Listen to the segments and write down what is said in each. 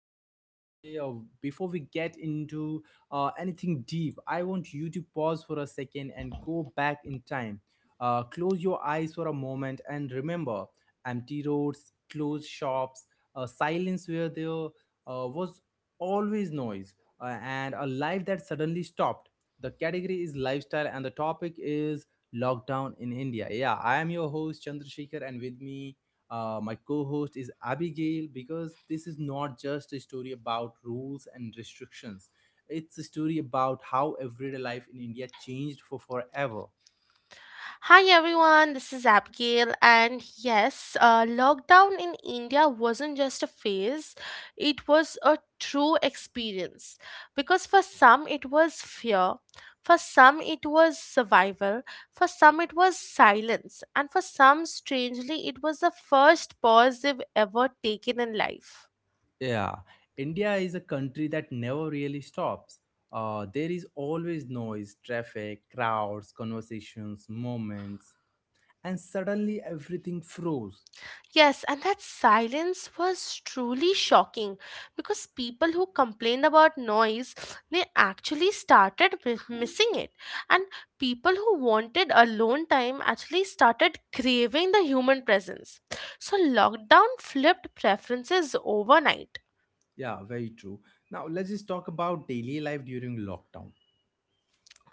podcast today. Before we get into anything deep, I want you to pause for a second and go back in time. Close your eyes for a moment and remember empty roads, closed shops, silence where there was always noise, and a life that suddenly stopped. The category is lifestyle, and the topic is lockdown in India. Yeah, I am your host Chandrasekhar, and with me my co-host is Abigail, because this is not just a story about rules and restrictions. It's a story about how everyday life in India changed for forever. Hi everyone, this is Abigail, and yes, lockdown in India wasn't just a phase, it was a true experience. Because for some it was fear, for some it was survival, for some it was silence, and for some, strangely, it was the first pause they've ever taken in life. Yeah, India is a country that never really stops. There is always noise, traffic, crowds, conversations, moments, and suddenly everything froze. Yes, and that silence was truly shocking because people who complained about noise, they actually started missing it. And people who wanted alone time actually started craving the human presence. So lockdown flipped preferences overnight. Yeah, very true. Now let's just talk about daily life during lockdown.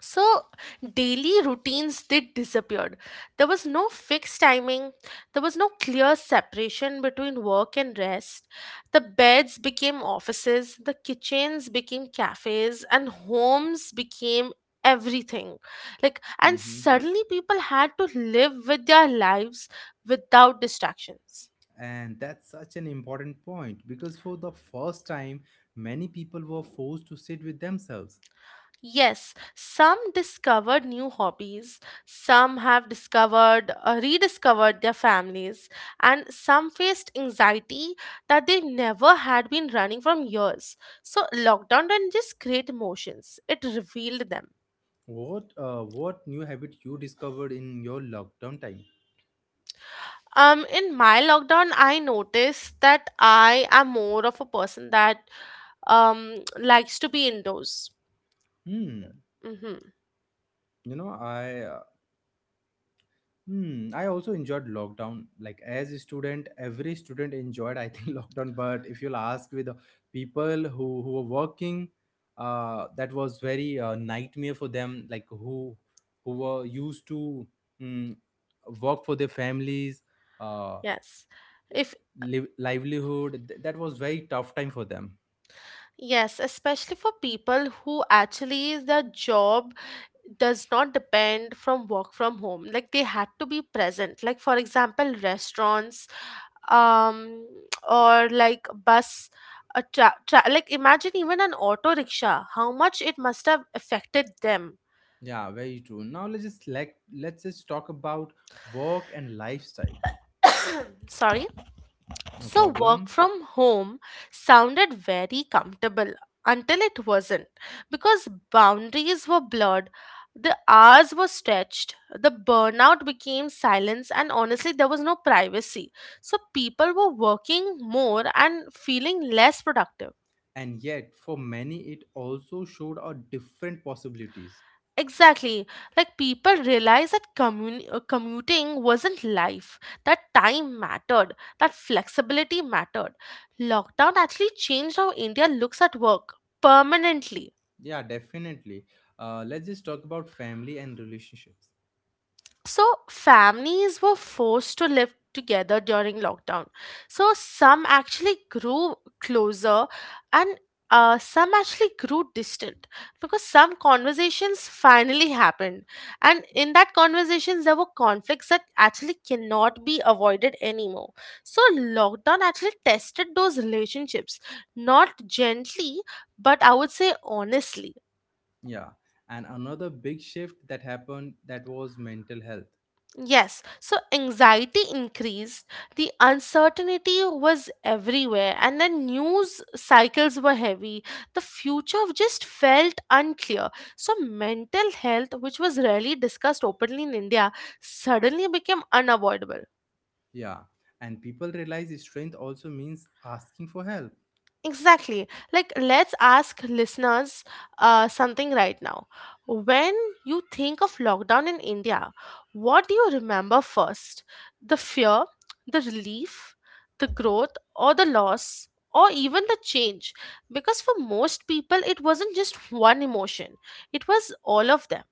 So, daily routines did disappeared. There was no fixed timing. There was no clear separation between work and rest. The beds became offices, the kitchens became cafes, and homes became everything. Like, and Mm-hmm. suddenly people had to live with their lives without distractions. And that's such an important point because for the first time, many people were forced to sit with themselves. Yes, some discovered new hobbies, some have discovered, rediscovered their families, and some faced anxiety that they never had been running from years. So, lockdown didn't just create emotions, it revealed them. What what new habit you discovered in your lockdown time? In my lockdown, I noticed that I am more of a person that likes to be indoors. Hmm. Mm-hmm. You know, I also enjoyed lockdown. Like as a student, every student enjoyed, I think, lockdown. But if you'll ask with the people who were working, that was very nightmare for them. Like who were used to mm, work for their families, uh, Yes. If live, livelihood. Th- that was very tough time for them. Yes, especially for people who actually their job does not depend from work from home, like they had to be present, like for example restaurants, um or like bus, a like imagine even an auto rickshaw, how much it must have affected them. Yeah, very true. Now let's just talk about work and lifestyle. Sorry. No So, work problem. from home sounded very comfortable until it wasn't, because boundaries were blurred, the hours were stretched, the burnout became silence, and honestly, there was no privacy. So, people were working more and feeling less productive. And yet for many it also showed a different possibilities. Exactly. Like, people realized that commuting wasn't life, that time mattered, that flexibility mattered. Lockdown actually changed how India looks at work permanently. Yeah, definitely. Let's just talk about family and relationships. So, families were forced to live together during lockdown. So, some actually grew closer, and some actually grew distant because some conversations finally happened. And in that conversations, there were conflicts that actually cannot be avoided anymore. So, lockdown actually tested those relationships, not gently, but I would say honestly. Yeah, and another big shift that happened, that was mental health. Yes, so anxiety increased, the uncertainty was everywhere, and the news cycles were heavy. The future just felt unclear. So, mental health, which was rarely discussed openly in India, suddenly became unavoidable. Yeah, and people realize strength also means asking for help. Exactly. Like, let's ask listeners something right now. When you think of lockdown in India, what do you remember first? The fear, the relief, the growth, or the loss, or even the change? Because for most people, it wasn't just one emotion, it was all of them.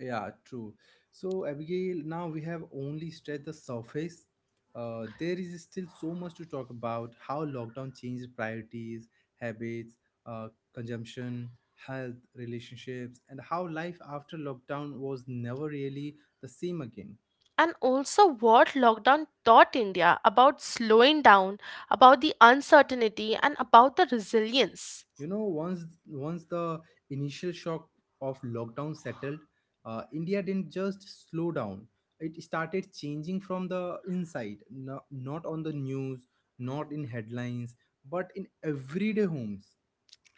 Yeah, true. So, Abigail, now we have only stressed the surface. There is still so much to talk about: how lockdown changed priorities, habits, consumption, health, relationships, and how life after lockdown was never really the same again. And also, what lockdown taught India about slowing down, about the uncertainty, and about the resilience. You know, once the initial shock of lockdown settled, India didn't just slow down, it started changing from the inside. No, not on the news, not in headlines, but in everyday homes.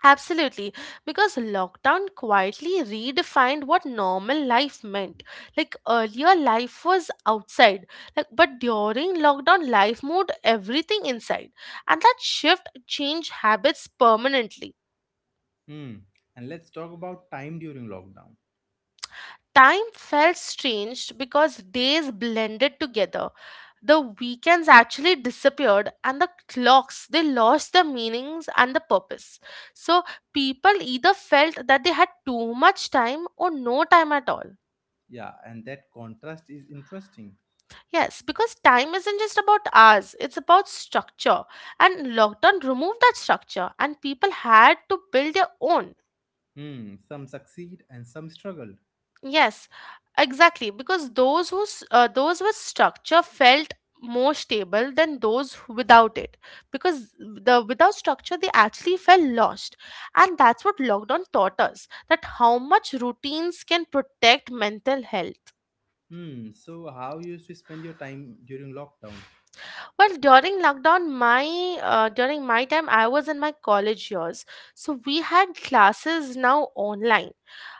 Absolutely, because lockdown quietly redefined what normal life meant. Like earlier, life was outside, like, but during lockdown, life moved everything inside, and that shift changed habits permanently. Hmm. And let's talk about time during lockdown. Time felt strange because days blended together. The weekends actually disappeared and the clocks, they lost the meanings and the purpose. So people either felt that they had too much time or no time at all. Yeah, and that contrast is interesting. Yes, because time isn't just about hours, it's about structure. And lockdown removed that structure and people had to build their own. Hmm. Some succeed and some struggled. Yes, exactly. Because those with structure felt more stable than those who- without it. Because the without structure, they actually felt lost, and that's what lockdown taught us, that how much routines can protect mental health. Hmm. So how you used to spend your time during lockdown? Well, during lockdown, my during my time, I was in my college years, so we had classes now online.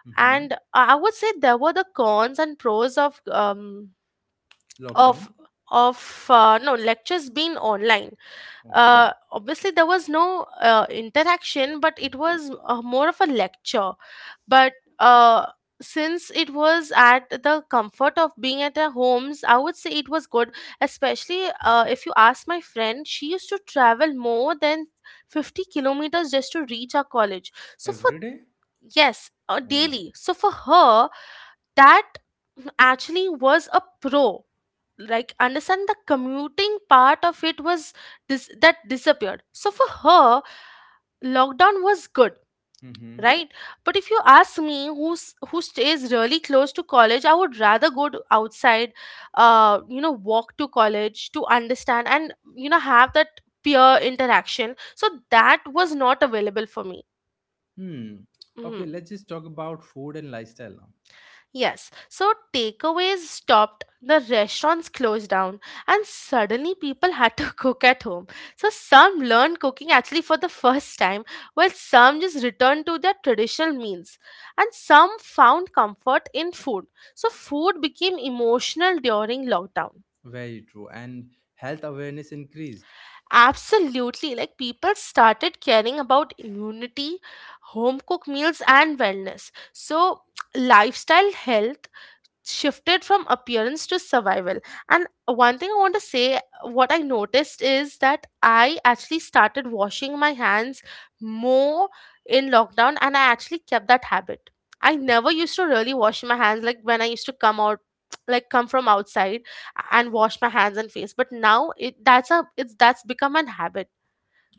Mm-hmm. And I would say there were the cons and pros of Lockdown. of no lectures being online. Okay. Obviously there was no interaction, but it was more of a lecture, but uh, since it was at the comfort of being at our homes, I would say it was good, especially if you ask my friend, she used to travel more than 50 kilometers just to reach our college, so for Every day. yes, Oh my. daily, so for her, that actually was a pro. Like, understand the commuting part of it was that disappeared, so for her lockdown was good, Mm-hmm. right. But if you ask me, who stays really close to college, I would rather go to outside, you know, walk to college to understand and, you know, have that peer interaction, so that was not available for me. Hmm. Mhm. Okay, let's just talk about food and lifestyle now. Yes, so takeaways stopped, the restaurants closed down, and suddenly people had to cook at home. So some learned cooking actually for the first time, while some just returned to their traditional meals, and some found comfort in food. So food became emotional during lockdown. Very true. And health awareness increased. Absolutely, like people started caring about immunity, home cooked meals, and wellness. So lifestyle health shifted from appearance to survival, and one thing I want to say, what I noticed is that I actually started washing my hands more in lockdown, and I actually kept that habit. I never used to really wash my hands, like when I used to come out, like come from outside, and wash my hands and face, but now it that's a it's that's become an habit.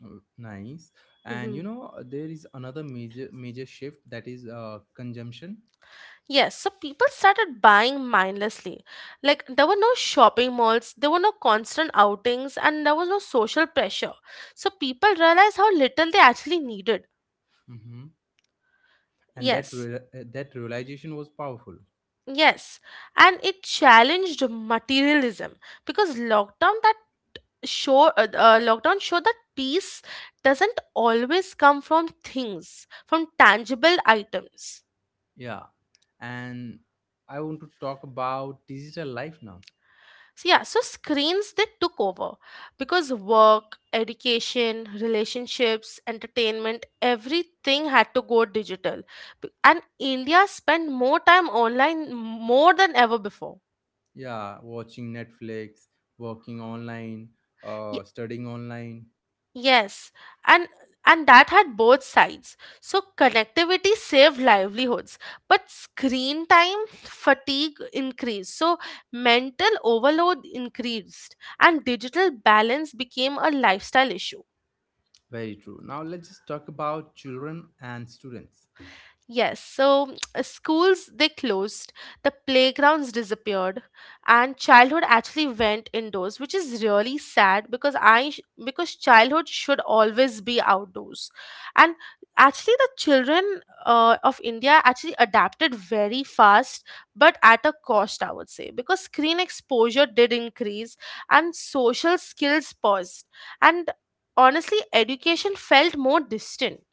Oh, nice. And Hmm. you know, there is another major major shift, that is consumption. Yes, so people started buying mindlessly. Like, there were no shopping malls, there were no constant outings, and there was no social pressure. So people realized how little they actually needed. Mm-hmm. And that Yes, that realization was powerful. yes. And it challenged materialism because lockdown showed that peace doesn't always come from things, from tangible items. Yeah. And I want to talk about digital life now. So yeah, so screens, they took over because work, education, relationships, entertainment, everything had to go digital. And India spent more time online, more than ever before. Yeah, watching Netflix, working online, Y- studying online. yes. And and that had both sides. So connectivity saved livelihoods, but screen time fatigue increased. So mental overload increased and digital balance became a lifestyle issue. Very true. Now let's just talk about children and students. Yes, so schools, they closed, the playgrounds disappeared, and childhood actually went indoors, which is really sad because because childhood should always be outdoors, and actually the children of India actually adapted very fast, but at a cost, I would say, because screen exposure did increase and social skills paused, and honestly, education felt more distant.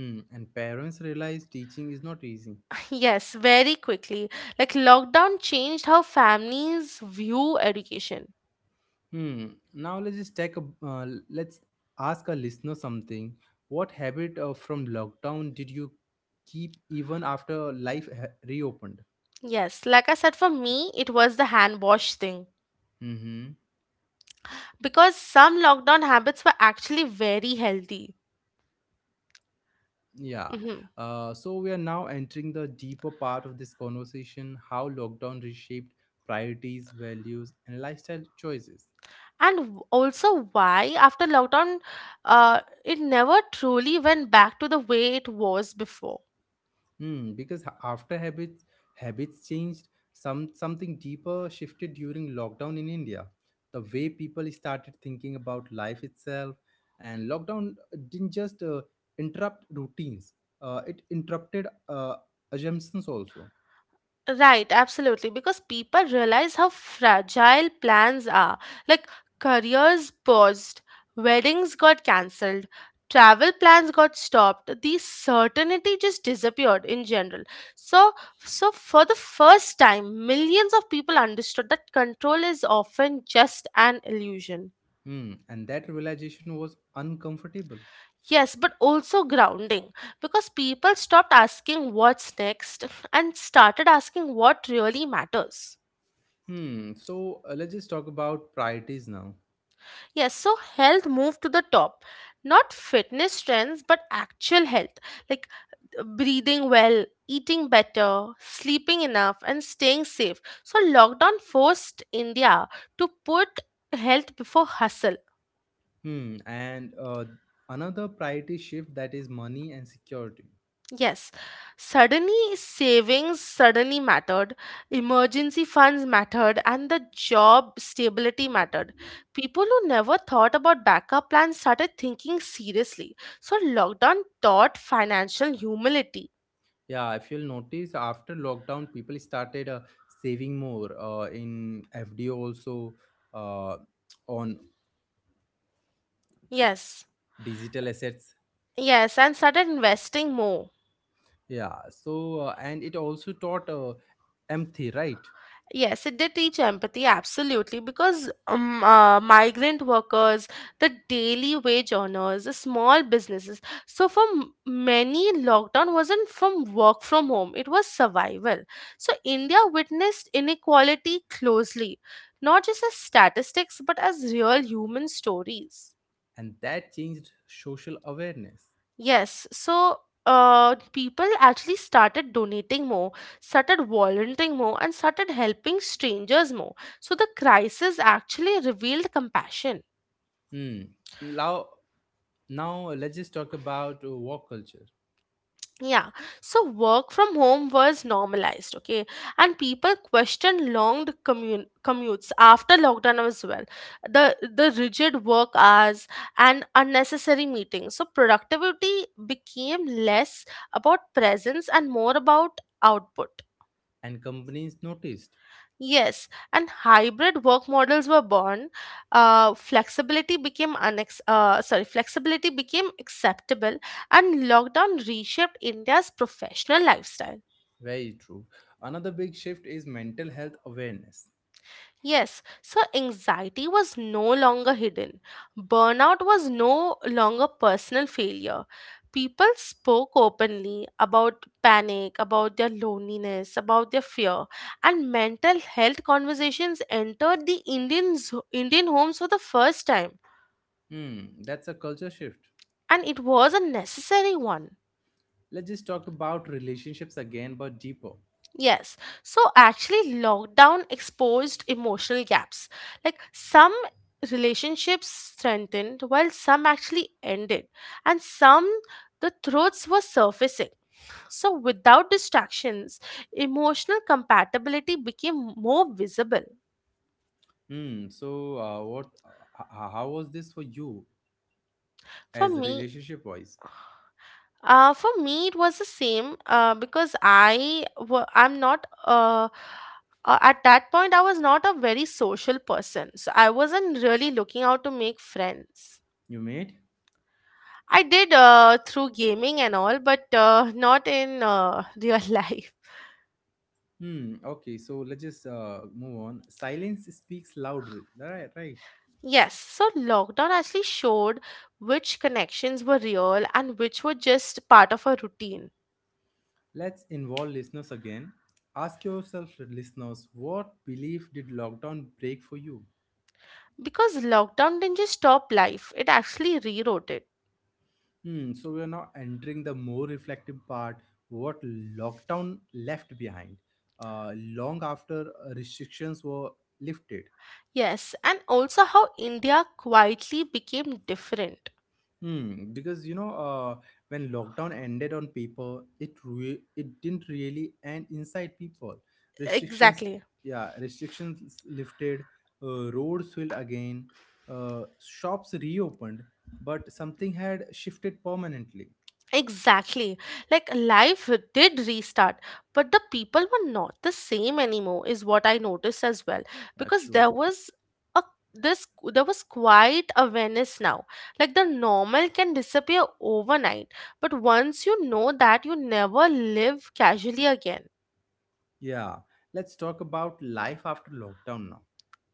Hmm. And parents realize teaching is not easy. Yes, very quickly. Like lockdown changed how families view education. Hmm. Now let's just take a let's ask our listener something. What habit from lockdown did you keep even after life reopened? Yes, like I said, for me, it was the hand wash thing Mm-hmm. because some lockdown habits were actually very healthy. Yeah. Hmm. So we are now entering the deeper part of this conversation: how lockdown reshaped priorities, values, and lifestyle choices. And also, why after lockdown, uh, it never truly went back to the way it was before. Hmm, because after habits changed, some something deeper shifted during lockdown in India. The way people started thinking about life itself, and lockdown didn't just interrupt routines; it interrupted assumptions also. Right, absolutely. Because people realize how fragile plans are. Like, careers paused, weddings got cancelled, travel plans got stopped. The certainty just disappeared in general. So, so, for the first time, millions of people understood that control is often just an illusion. Hmm, and that realization was uncomfortable. Yes, but also grounding, because people stopped asking what's next and started asking what really matters. Hmm, so let's just talk about priorities now. Yes, so health moved to the top. Not fitness trends, but actual health. Like breathing well, eating better, sleeping enough, and staying safe. So, lockdown forced India to put health before hustle. Hmm, and another priority shift, that is money and security. Yes, suddenly savings suddenly mattered, emergency funds mattered, and the job stability mattered. People who never thought about backup plans started thinking seriously. So, lockdown taught financial humility. Yeah, if you'll notice, after lockdown, people started saving more in FDO also, uh, on Yes, digital assets. yes, and started investing more. Yeah, so and it also taught empathy, right? Yes, it did teach empathy, absolutely, because migrant workers, the daily wage earners, the small businesses. So, for many, lockdown wasn't from work from home, it was survival. So, India witnessed inequality closely, not just as statistics, but as real human stories. And that changed social awareness. Yes, so people actually started donating more, started volunteering more, and started helping strangers more. So the crisis actually revealed compassion. Hmm. Now, now let's just talk about work culture. Yeah, so work from home was normalized, okay, and people questioned long commutes after lockdown as well. The rigid work hours and unnecessary meetings. So productivity became less about presence and more about output. And companies noticed. Yes, and hybrid work models were born. Flexibility became acceptable, and lockdown reshaped India's professional lifestyle. Very true. Another big shift is mental health awareness. Yes, so anxiety was no longer hidden. Burnout was no longer personal failure. People spoke openly about panic, about their loneliness, about their fear, and mental health conversations entered the Indian homes for the first time. Hmm, that's a culture shift. And it was a necessary one. Let's just talk about relationships again, but deeper. Yes. So actually, lockdown exposed emotional gaps. Like, some relationships strengthened while some actually ended, and some the truths were surfacing. So without distractions, emotional compatibility became more visible. Hmm, so what how was this for you, For as me. relationship wise? For me, it was the same because I'm not at that point I was not a very social person, so I wasn't really looking out to make friends. You made. I did through gaming and all, but not in real life. Hmm, okay, so let's just move on. Silence speaks louder, right? Right, Yes, so lockdown actually showed which connections were real and which were just part of a routine. let's involve listeners again. Ask yourself, listeners: what belief did lockdown break for you? Because lockdown didn't just stop life, it actually rewrote it. Hmm, so we are now entering the more reflective part, what lockdown left behind, uh, long after restrictions were lifted. Yes, and also how India quietly became different. Hmm, because you know, when lockdown ended on paper, it didn't really end inside people. Restrictions, Exactly. yeah, restrictions lifted, roads filled again, shops reopened, but something had shifted permanently. Exactly. Like life did restart, but the people were not the same anymore is what I noticed as well Yeah, because true. A this there was quite awareness now. Like the normal can disappear overnight, but once you know that you never live casually again. Yeah, let's talk about life after lockdown now.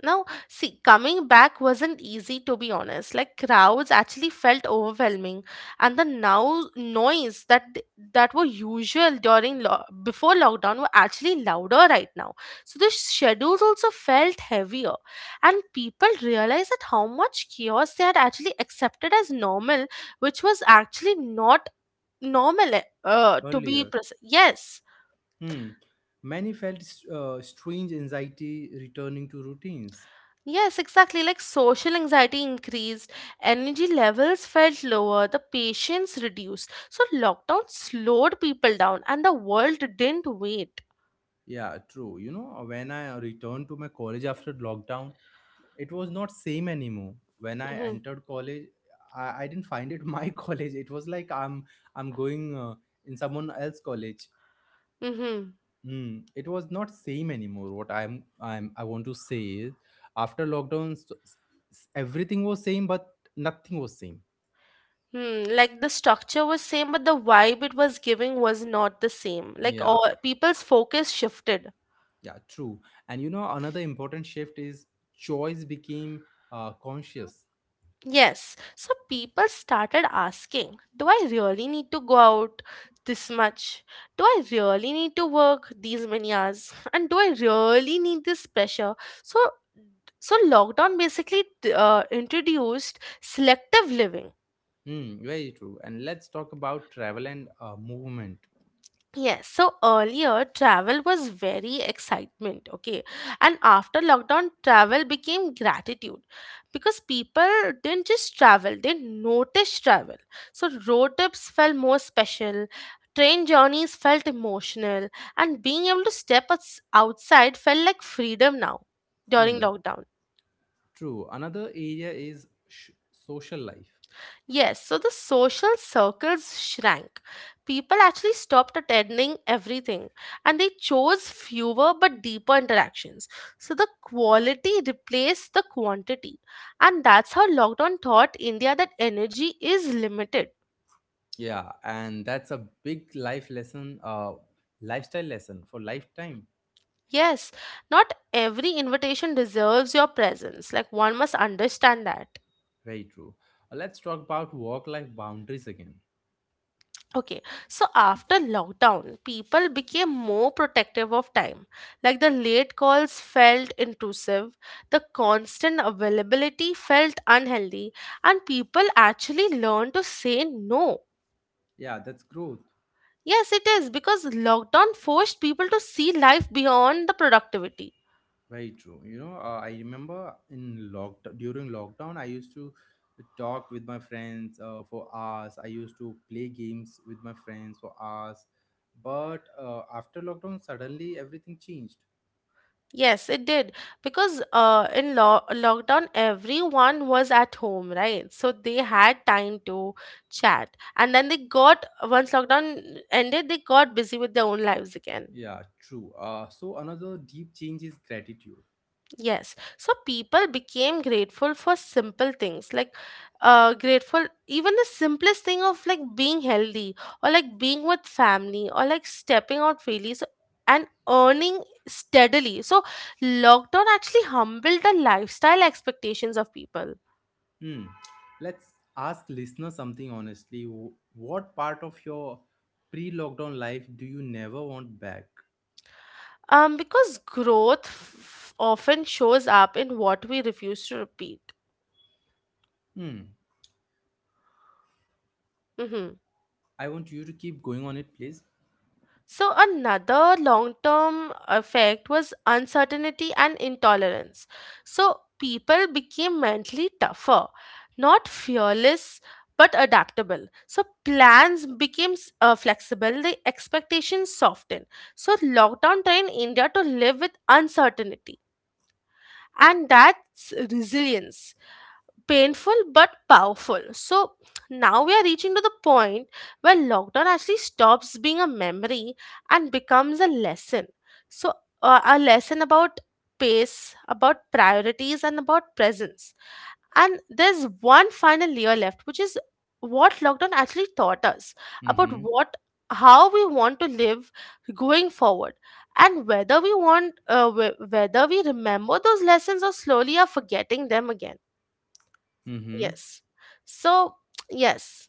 Now, see, coming back wasn't easy to be honest. Like crowds actually felt overwhelming, and the now noise that were usual during before lockdown were actually louder right now. So the schedules also felt heavier, and people realized that how much chaos they had actually accepted as normal, which was actually not normal. To be Earlier. precise, yes. Hmm. Many felt strange anxiety returning to routines. Yes, exactly. Like social anxiety increased, energy levels felt lower, the patience reduced. So lockdown slowed people down and the world didn't wait. Yeah, true. You know, when I returned to my college after lockdown, it was not same anymore. When I Mm-hmm. entered college, I didn't find it my college. It was like I'm I'm going in someone else college. Mm-hmm. Hmm. It was not same anymore. What I want to say is, after lockdown, s- s- everything was same, but nothing was same. Hmm. Like the structure was same, but the vibe it was giving was not the same. Like Yeah, all people's focus shifted. yeah, true. And you know, another important shift is choice became conscious. Yes, so people started asking, do I really need to go out this much? Do I really need to work these many hours? And do I really need this pressure? So so lockdown basically introduced selective living. Hmm, very true. And let's talk about travel and movement. Yes, so earlier travel was very excitement, okay? And after lockdown, travel became gratitude because people didn't just travel, they noticed travel. So road trips felt more special, train journeys felt emotional, and being able to step outside felt like freedom now during Hmm, lockdown. true. Another area is sh- social life. Yes, so the social circles shrank. People actually stopped attending everything and they chose fewer but deeper interactions. So the quality replaced the quantity. And that's how lockdown taught India that energy is limited. Yeah, and that's a big life lesson, lifestyle lesson for lifetime. Yes, not every invitation deserves your presence. Like one must understand that. Very true. Let's talk about work life boundaries again. Okay, so after lockdown, people became more protective of time. Like the late calls felt intrusive, the constant availability felt unhealthy, and people actually learned to say no. Yeah, that's growth. Yes, it is because lockdown forced people to see life beyond the productivity. Very true. You know, I remember in lock during lockdown, I used to talk with my friends for hours. I used to play games with my friends for hours. But after lockdown, suddenly everything changed. Yes, it did. Because in lockdown, everyone was at home, right? So they had time to chat. And then they got, once lockdown ended, they got busy with their own lives again. Yeah, true. So another deep change is gratitude. Yes. So people became grateful for simple things like grateful even the simplest thing of like being healthy or like being with family or like stepping out freely so, and earning steadily. So lockdown actually humbled the lifestyle expectations of people. Hmm. Let's ask listener something honestly. What part of your pre-lockdown life do you never want back? Because growth often shows up in what we refuse to repeat. Hmm. Mhm. I want you to keep going on it, please. So, another long term effect was uncertainty and intolerance. So, people became mentally tougher, not fearless but adaptable. So, plans became flexible, the expectations softened. So, lockdown trained India to live with uncertainty, and that's resilience, painful but powerful. So now we are reaching to the point where lockdown actually stops being a memory and becomes a lesson. So a lesson about pace, about priorities, and about presence. And there's one final layer left, which is what lockdown actually taught us about Mm-hmm. what how we want to live going forward, and whether we remember those lessons or slowly are forgetting them again. Mm-hmm. Yes. So yes.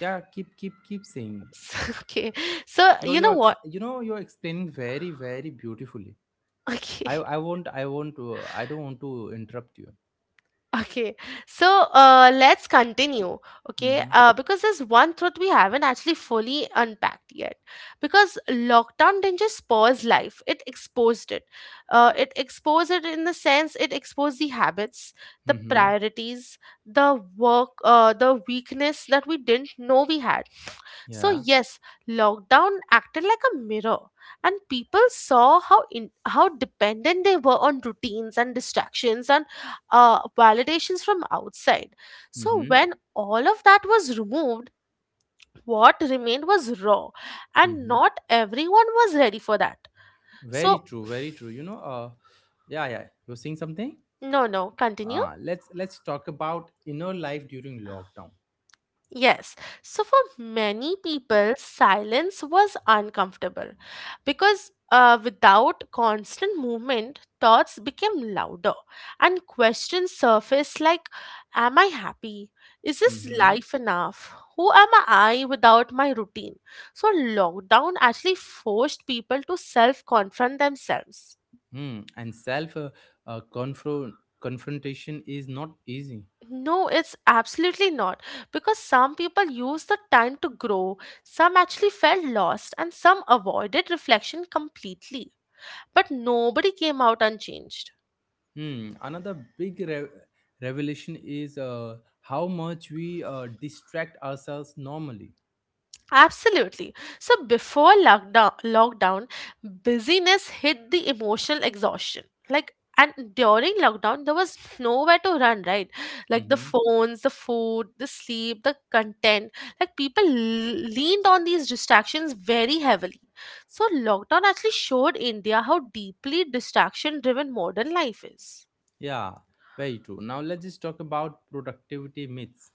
Yeah, keep saying. Okay. So You're you know you're ex- what? you know you're explaining very very beautifully. Okay. I won't I don't want to interrupt you. Okay, so let's continue. Okay, Mm-hmm. Because there's one truth we haven't actually fully unpacked yet. Because lockdown didn't just pause life, it exposed it. It exposed it in the sense it exposed the habits, the Mm-hmm. priorities, the work, the weakness that we didn't know we had. So, Yeah. yes, lockdown acted like a mirror, and people saw how dependent they were on routines and distractions and validations from outside. So, Mm-hmm. when all of that was removed, what remained was raw, and Mm-hmm. not everyone was ready for that. Very So, true. Very true. You know. Yeah. Yeah. You're saying something. no, no, continue. Let's talk about inner life during lockdown. Yes. So for many people, silence was uncomfortable because without constant movement, thoughts became louder and questions surfaced like, am I happy? Is this Mm-hmm. life enough? Who am I without my routine? So, lockdown actually forced people to self confront themselves. Mm. And self confrontation is not easy. No, it's absolutely not. Because some people use the time to grow, some actually felt lost, and some avoided reflection completely. But nobody came out unchanged. Hmm. Another big revelation is how much we distract ourselves normally. Absolutely. So before lockdown, busyness hit the emotional exhaustion. Like, and during lockdown, there was nowhere to run, right? Like the Mm-hmm. phones, the food, the sleep, the content. Like people leaned on these distractions very heavily. So lockdown actually showed India how deeply distraction-driven modern life is. Yeah, very true. Now let's just talk about productivity myths.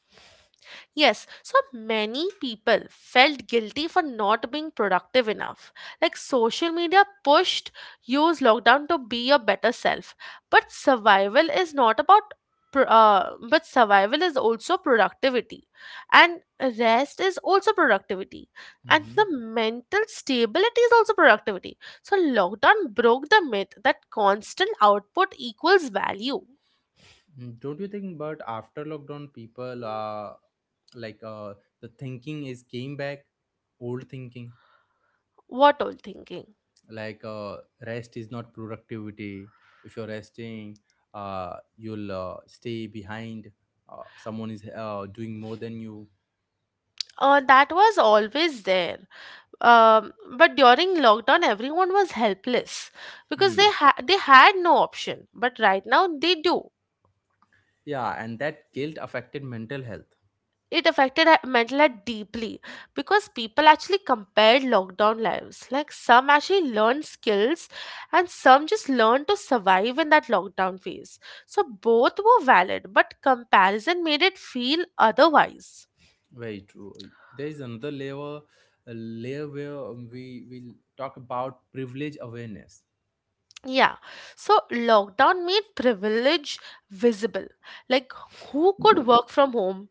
Yes, so many people felt guilty for not being productive enough. Like social media pushed use lockdown to be your better self. But survival is not about but survival is also productivity, and rest is also productivity, and Mm-hmm. the mental stability is also productivity. So lockdown broke the myth that constant output equals value. Mm, don't you think? But after lockdown, people like uh, the thinking is came back, old thinking, What all thinking? like rest is not productivity. If you're resting, you'll stay behind. Someone is doing more than you. That was always there. Um, but during lockdown, everyone was helpless because Hmm. they had no option, but right now they do. Yeah, and that guilt affected mental health. It affected mental health deeply because people actually compared lockdown lives, like some actually learned skills and some just learned to survive in that lockdown phase. So both were valid, but comparison made it feel otherwise. Very true. There is another layer, a layer where we will talk about privilege awareness. Yeah, so lockdown made privilege visible. Like, who could work from home?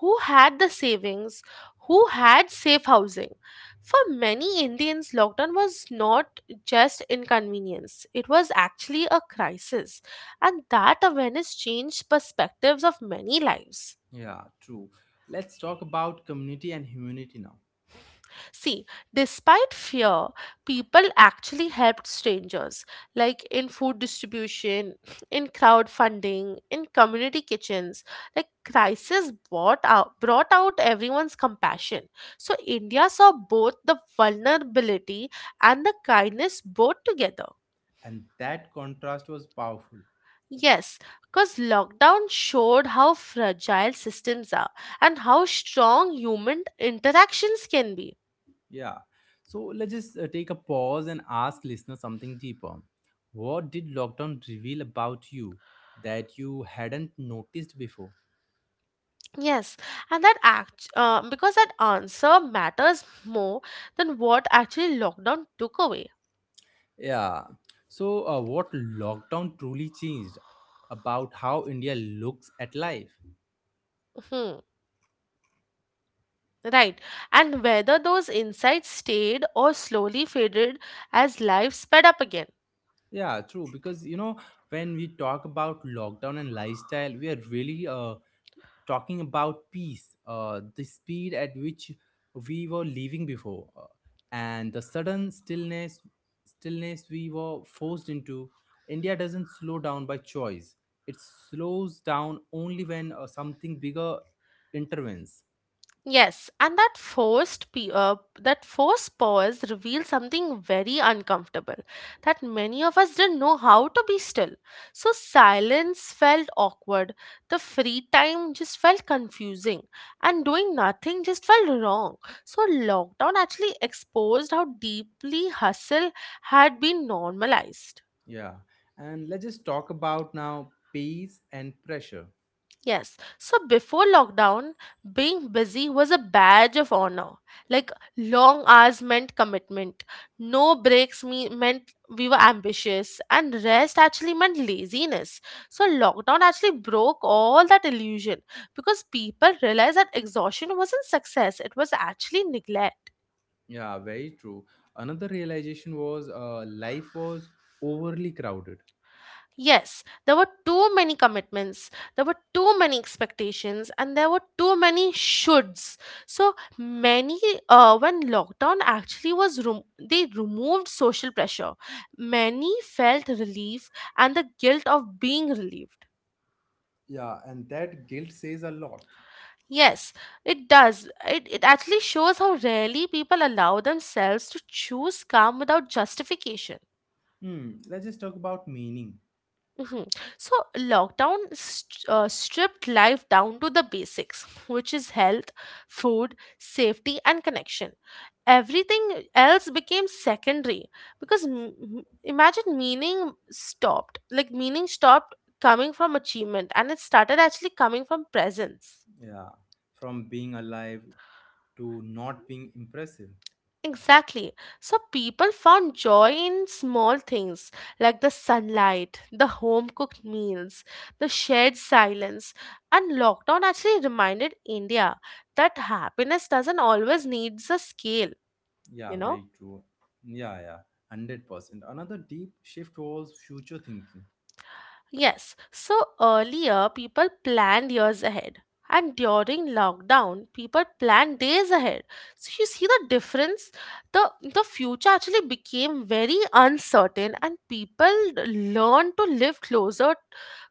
Who had the savings? Who had safe housing? For many Indians, lockdown was not just inconvenience, it was actually a crisis. And that awareness changed perspectives of many lives. Yeah, true. Let's talk about community and humanity now. See, despite fear, people actually helped strangers, like in food distribution, in crowdfunding, in community kitchens. Like crisis brought out everyone's compassion. So India saw both the vulnerability and the kindness both together. And that contrast was powerful. Yes, because lockdown showed how fragile systems are and how strong human interactions can be. Yeah. So let's just take a pause and ask listeners something deeper. What did lockdown reveal about you that you hadn't noticed before? Yes, and that act because that answer matters more than what actually lockdown took away. Yeah. So, what lockdown truly changed about how India looks at life? Hmm. Right, and whether those insights stayed or slowly faded as life sped up again. Yeah, true. Because, you know, when we talk about lockdown and lifestyle, we are really talking about peace, the speed at which we were living before, and the sudden stillness, stillness we were forced into. India doesn't slow down by choice. It slows down only when something bigger intervenes. Yes, and that forced pause revealed something very uncomfortable that many of us didn't know how to be still. So silence felt awkward. The free time just felt confusing, and doing nothing just felt wrong. So lockdown actually exposed how deeply hustle had been normalized. Yeah, and let's just talk about now pace and pressure. Yes. So before lockdown, being busy was a badge of honor. Like long hours meant commitment. No breaks meant we were ambitious, and rest actually meant laziness. So lockdown actually broke all that illusion because people realized that exhaustion wasn't success, it was actually neglect. Yeah, very true. Another realization was life was overly crowded. Yes, there were too many commitments, there were too many expectations, and there were too many shoulds. So many, when lockdown actually they removed social pressure. Many felt relief and the guilt of being relieved. Yeah, and that guilt says a lot. Yes, it does. It actually shows how rarely people allow themselves to choose calm without justification. Hmm, let's just talk about meaning. Mhm. So, lockdown stripped life down to the basics, which is health, food, safety, and connection. Everything else became secondary because imagine meaning stopped. Like, meaning stopped coming from achievement and it started actually coming from presence. Yeah, from being alive to not being impressive. Exactly. So people found joy in small things like the sunlight, the home cooked meals, the shared silence. And lockdown actually reminded India that happiness doesn't always need a scale, you Yeah, know? very true. Yeah, yeah, 100%. Another deep shift was future thinking. Yes, so earlier people planned years ahead, and during lockdown, people planned days ahead. So you see the difference? The future actually became very uncertain, and people learned to live closer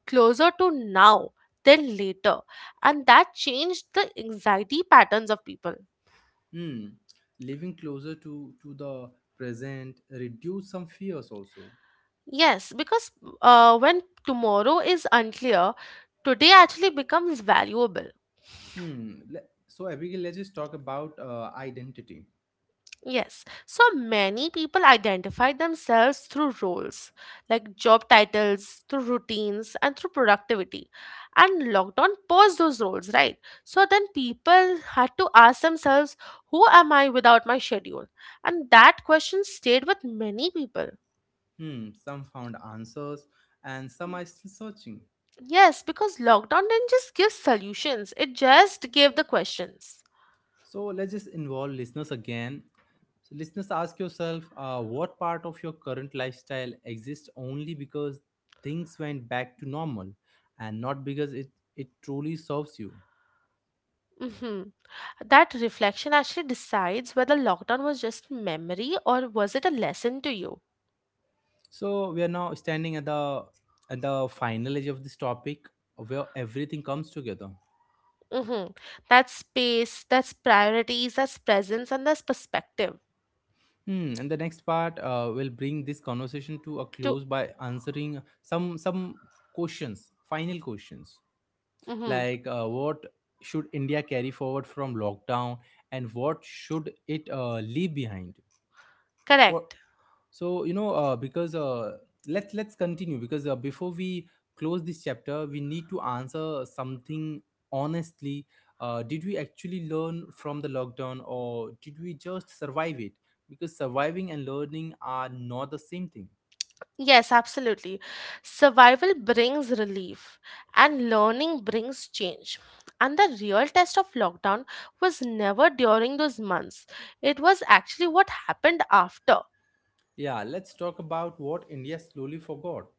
closer to now than later, and that changed the anxiety patterns of people. Hmm, living closer to the present reduce some fears also. Yes, because when tomorrow is unclear, today actually becomes valuable. Hmm. Le- so, Abigail, let's just talk about identity. Yes, so many people identify themselves through roles, like job titles, through routines, and through productivity. And lockdown paused those roles, right? So then people had to ask themselves, who am I without my schedule? And that question stayed with many people. Hmm. Some found answers and some are still searching. Yes, because lockdown didn't just give solutions, it just gave the questions. So, let's just involve listeners again. So, listeners, ask yourself what part of your current lifestyle exists only because things went back to normal and not because it truly serves you. Hmm. That reflection actually decides whether lockdown was just memory or was it a lesson to you. So, we are now standing at the final edge of this topic where everything comes together. Mm-hmm. That's space, that's priorities, that's presence, and that's perspective. Hmm, and the next part will bring this conversation to a To close by answering some questions, final questions, Mm-hmm. like what should India carry forward from lockdown and what should it leave behind? What, Correct. so you know because let's continue, because before we close this chapter we need to answer something honestly: did we actually learn from the lockdown or did we just survive it? Because surviving and learning are not the same thing. Yes, absolutely. Survival brings relief, and learning brings change. And the real test of lockdown was never during those months. It was actually what happened after. Yeah, let's talk about what India slowly forgot.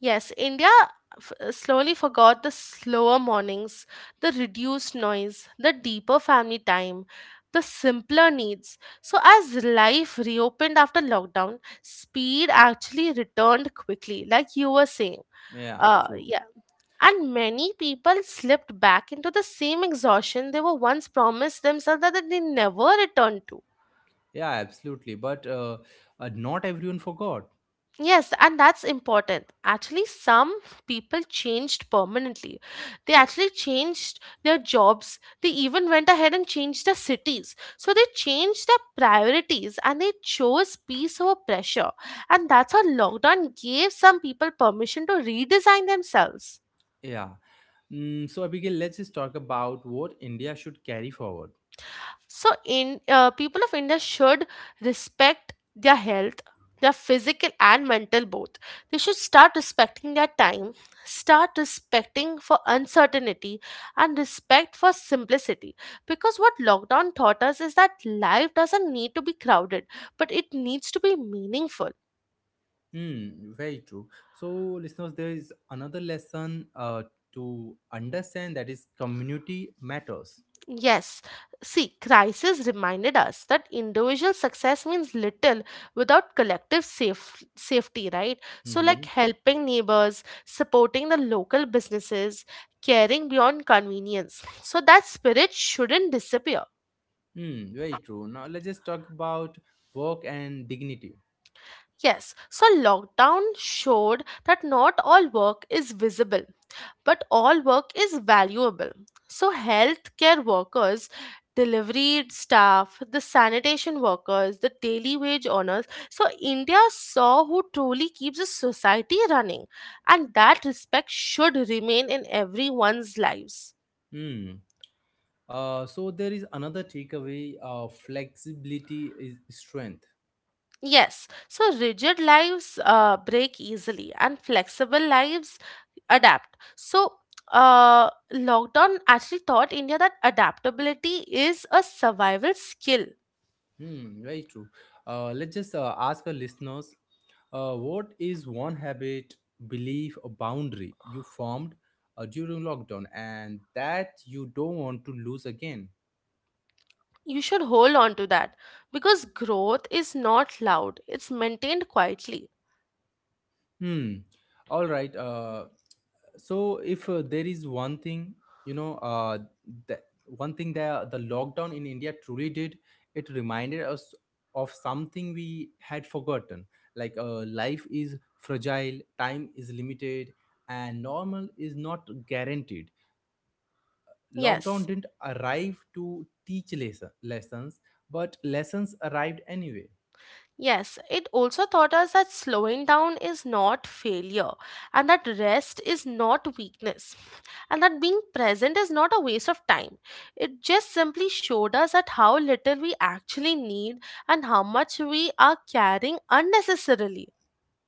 Yes, India slowly forgot the slower mornings, the reduced noise, the deeper family time, the simpler needs. So, as life reopened after lockdown, speed actually returned quickly, like you were saying. Yeah, true. Yeah. And many people slipped back into the same exhaustion they were once promised themselves that they never returned to. Yeah, absolutely, but not everyone forgot. Yes, and that's important. Actually, some people changed permanently. They actually changed their jobs. They even went ahead and changed their cities. So they changed their priorities and they chose peace over pressure. And that's how lockdown gave some people permission to redesign themselves. Yeah. Mm, so Abigail, let's just talk about what India should carry forward. So in people of India should respect their health, their physical and mental both. They should start respecting their time, start respecting for uncertainty, and respect for simplicity, because what lockdown taught us is that life doesn't need to be crowded, but it needs to be meaningful. Hmm, very true. So, listeners, there is another lesson to understand that is community matters. Yes, see, crisis reminded us that individual success means little without collective safety, right? So, like Mm-hmm. helping neighbors, supporting the local businesses, caring beyond convenience. So, that spirit shouldn't disappear. Hmm, very true. Now, let's just talk about work and dignity. Yes, so lockdown showed that not all work is visible, but all work is valuable. So, healthcare workers, delivery staff, the sanitation workers, the daily wage earners. So, India saw who truly keeps a society running, and that respect should remain in everyone's lives. Hmm. There is another takeaway flexibility is strength. Yes, so rigid lives break easily and flexible lives adapt. So, lockdown actually taught India that adaptability is a survival skill. Hmm, very true. Let's just ask our listeners what is one habit, belief, or boundary you formed during lockdown and that you don't want to lose again? You should hold on to that because growth is not loud, it's maintained quietly. Hmm. All right. So if there is one thing you know uh that one thing that the lockdown in india truly did, it reminded us of something we had forgotten, like life is fragile, time is limited, and normal is not guaranteed. Lockdown Yes. didn't arrive to teach lessons, but lessons arrived anyway. Yes, it also taught us that slowing down is not failure, and that rest is not weakness, and that being present is not a waste of time. It just simply showed us that how little we actually need and how much we are carrying unnecessarily.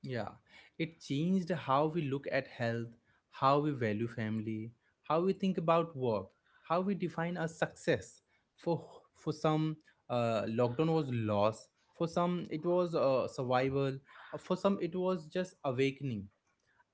Yeah, it changed how we look at health, how we value family, how we think about work, how we define a success. For for some, lockdown was loss. For some, it was survival. For some, it was just awakening.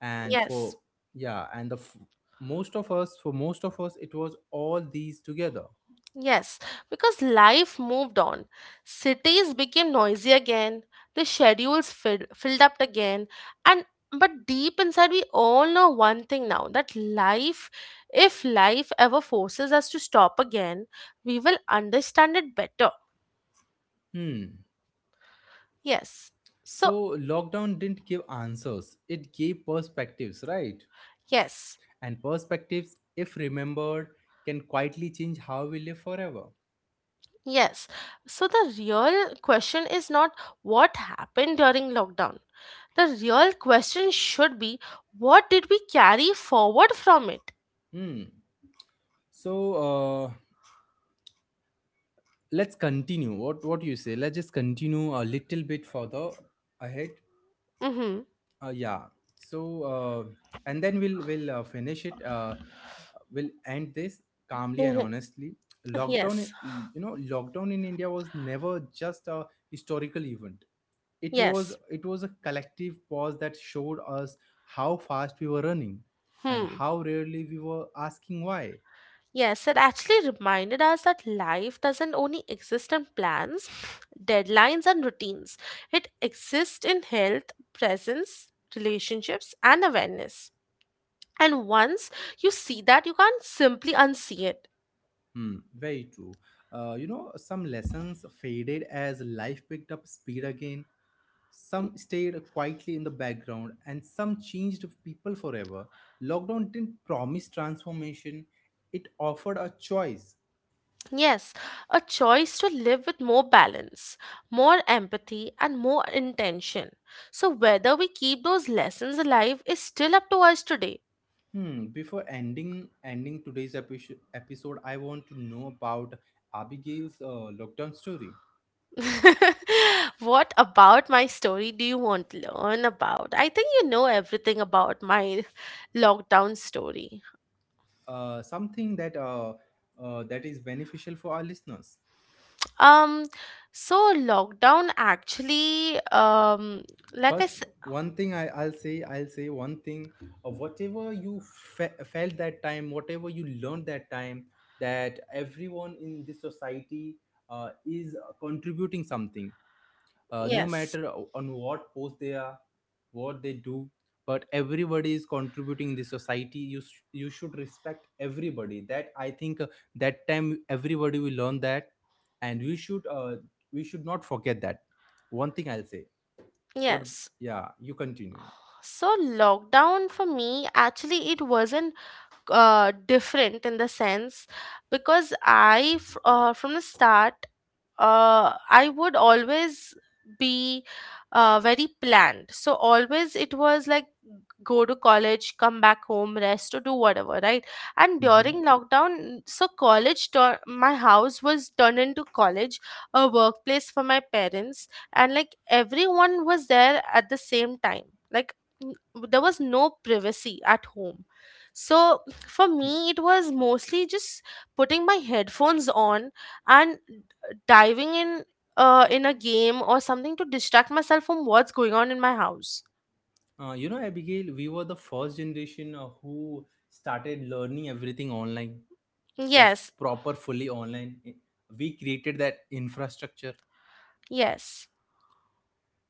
And Yes. for yeah, and most of us, it was all these together. Yes, because life moved on. Cities became noisy again, the schedules filled up again, and but deep inside we all know one thing now that life if life ever forces us to stop again, we will understand it better. Hmm. Yes. So, So lockdown didn't give answers; it gave perspectives, right? yes. And perspectives, if remembered, can quietly change how we live forever. Yes. So the real question is not what happened during lockdown. The real question should be, what did we carry forward from it? Hmm. So uh, let's continue. What do you say? Let's just continue a little bit further ahead. Mhm. Yeah. So and then we'll finish it. We'll end this calmly and Mhm. honestly. Lockdown, Yes, lockdown in India was never just a historical event. it was yes. it was a collective pause that showed us how fast we were running and Hmm. how rarely we were asking why. Yes, it actually reminded us that life doesn't only exist in plans, deadlines, and routines. It exists in health, presence, relationships, and awareness. And once you see that, you can't simply unsee it. Hmm, very true. You know, some lessons faded as life picked up speed again, some stayed quietly in the background, and some changed people forever. Lockdown didn't promise transformation, it offered a choice. Yes, a choice to live with more balance, more empathy, and more intention. So, whether we keep those lessons alive is still up to us today. Hmm. Before ending today's episode, I want to know about Abigail's lockdown story. What about my story do you want to learn about? I think you know everything about my lockdown story. Uh, something that that is beneficial for our listeners. Um, so lockdown actually, like I First, said, one thing I'll say one thing. Whatever you felt that time, whatever you learned that time, that everyone in this society is contributing something. Uh, no yes, matter on what post they are, what they do, but everybody is contributing in the society. You should respect everybody. That I think that time everybody will learn that, and we should not forget that. One thing I'll say. What? yes. Yeah, you continue So lockdown for me, actually, it wasn't different in the sense because from the start, I would always be very planned. So always it was like, go to college, come back home, rest or do whatever, right? And now. Hmm. during lockdown, so my house was turned into college, a workplace for my parents, and like everyone was there at the same time. Like n- there was no privacy at home, so for me it was mostly just putting my headphones on and diving in a game or something to distract myself from what's going on in my house. You know, Abigail, we were the first generation who started learning everything online, like Yes, proper fully online. We created that infrastructure, yes.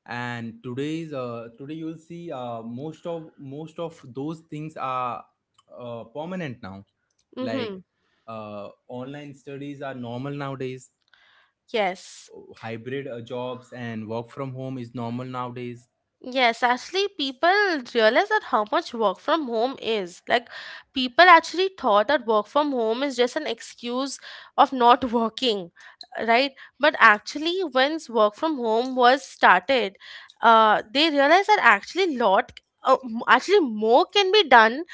and today you'll see most of those things are permanent now. Like Mhm. Online studies are normal nowadays, Yes. hybrid jobs and work from home is normal nowadays. Yes, actually, people realize that how much work from home is. Like, people actually thought that work from home is just an excuse of not working, right? But actually, once work from home was started, they realized that actually more can be done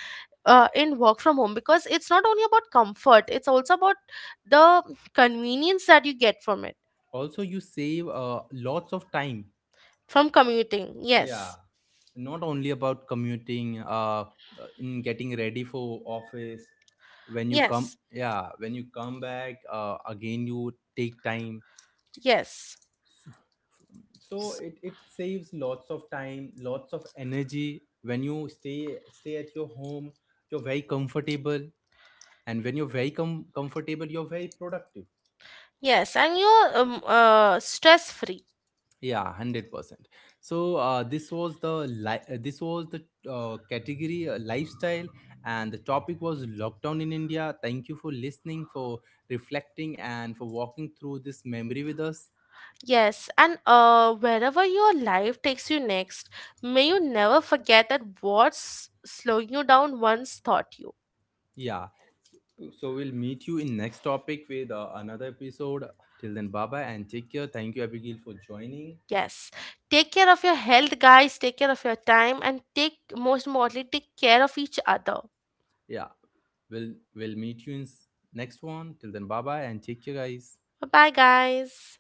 in work from home, because it's not only about comfort; it's also about the convenience that you get from it, Also, you save lots of time. from commuting. Yeah, Yes, not only about commuting, in getting ready for office. When you come, yes, yeah, when you come back, again you take time. yes. So, so it saves lots of time, lots of energy when you stay at your home. You're very comfortable, and when you're very comfortable, you're very productive. Yes, and you're stress free. Yeah, 100%. So this was the category, lifestyle, and the topic was lockdown in India. Thank you for listening, for reflecting, and for walking through this memory with us. Yes, and wherever your life takes you next, may you never forget that what's slowing you down once taught you. Yeah. So we'll meet you in next topic with another episode. Till then, bye bye and take care. Thank you, Abigail, for joining. Yes, take care of your health, guys. Take care of your time, and take most importantly, take care of each other. Yeah, we'll meet you in next one. Till then, bye bye and take care, guys. Bye, guys.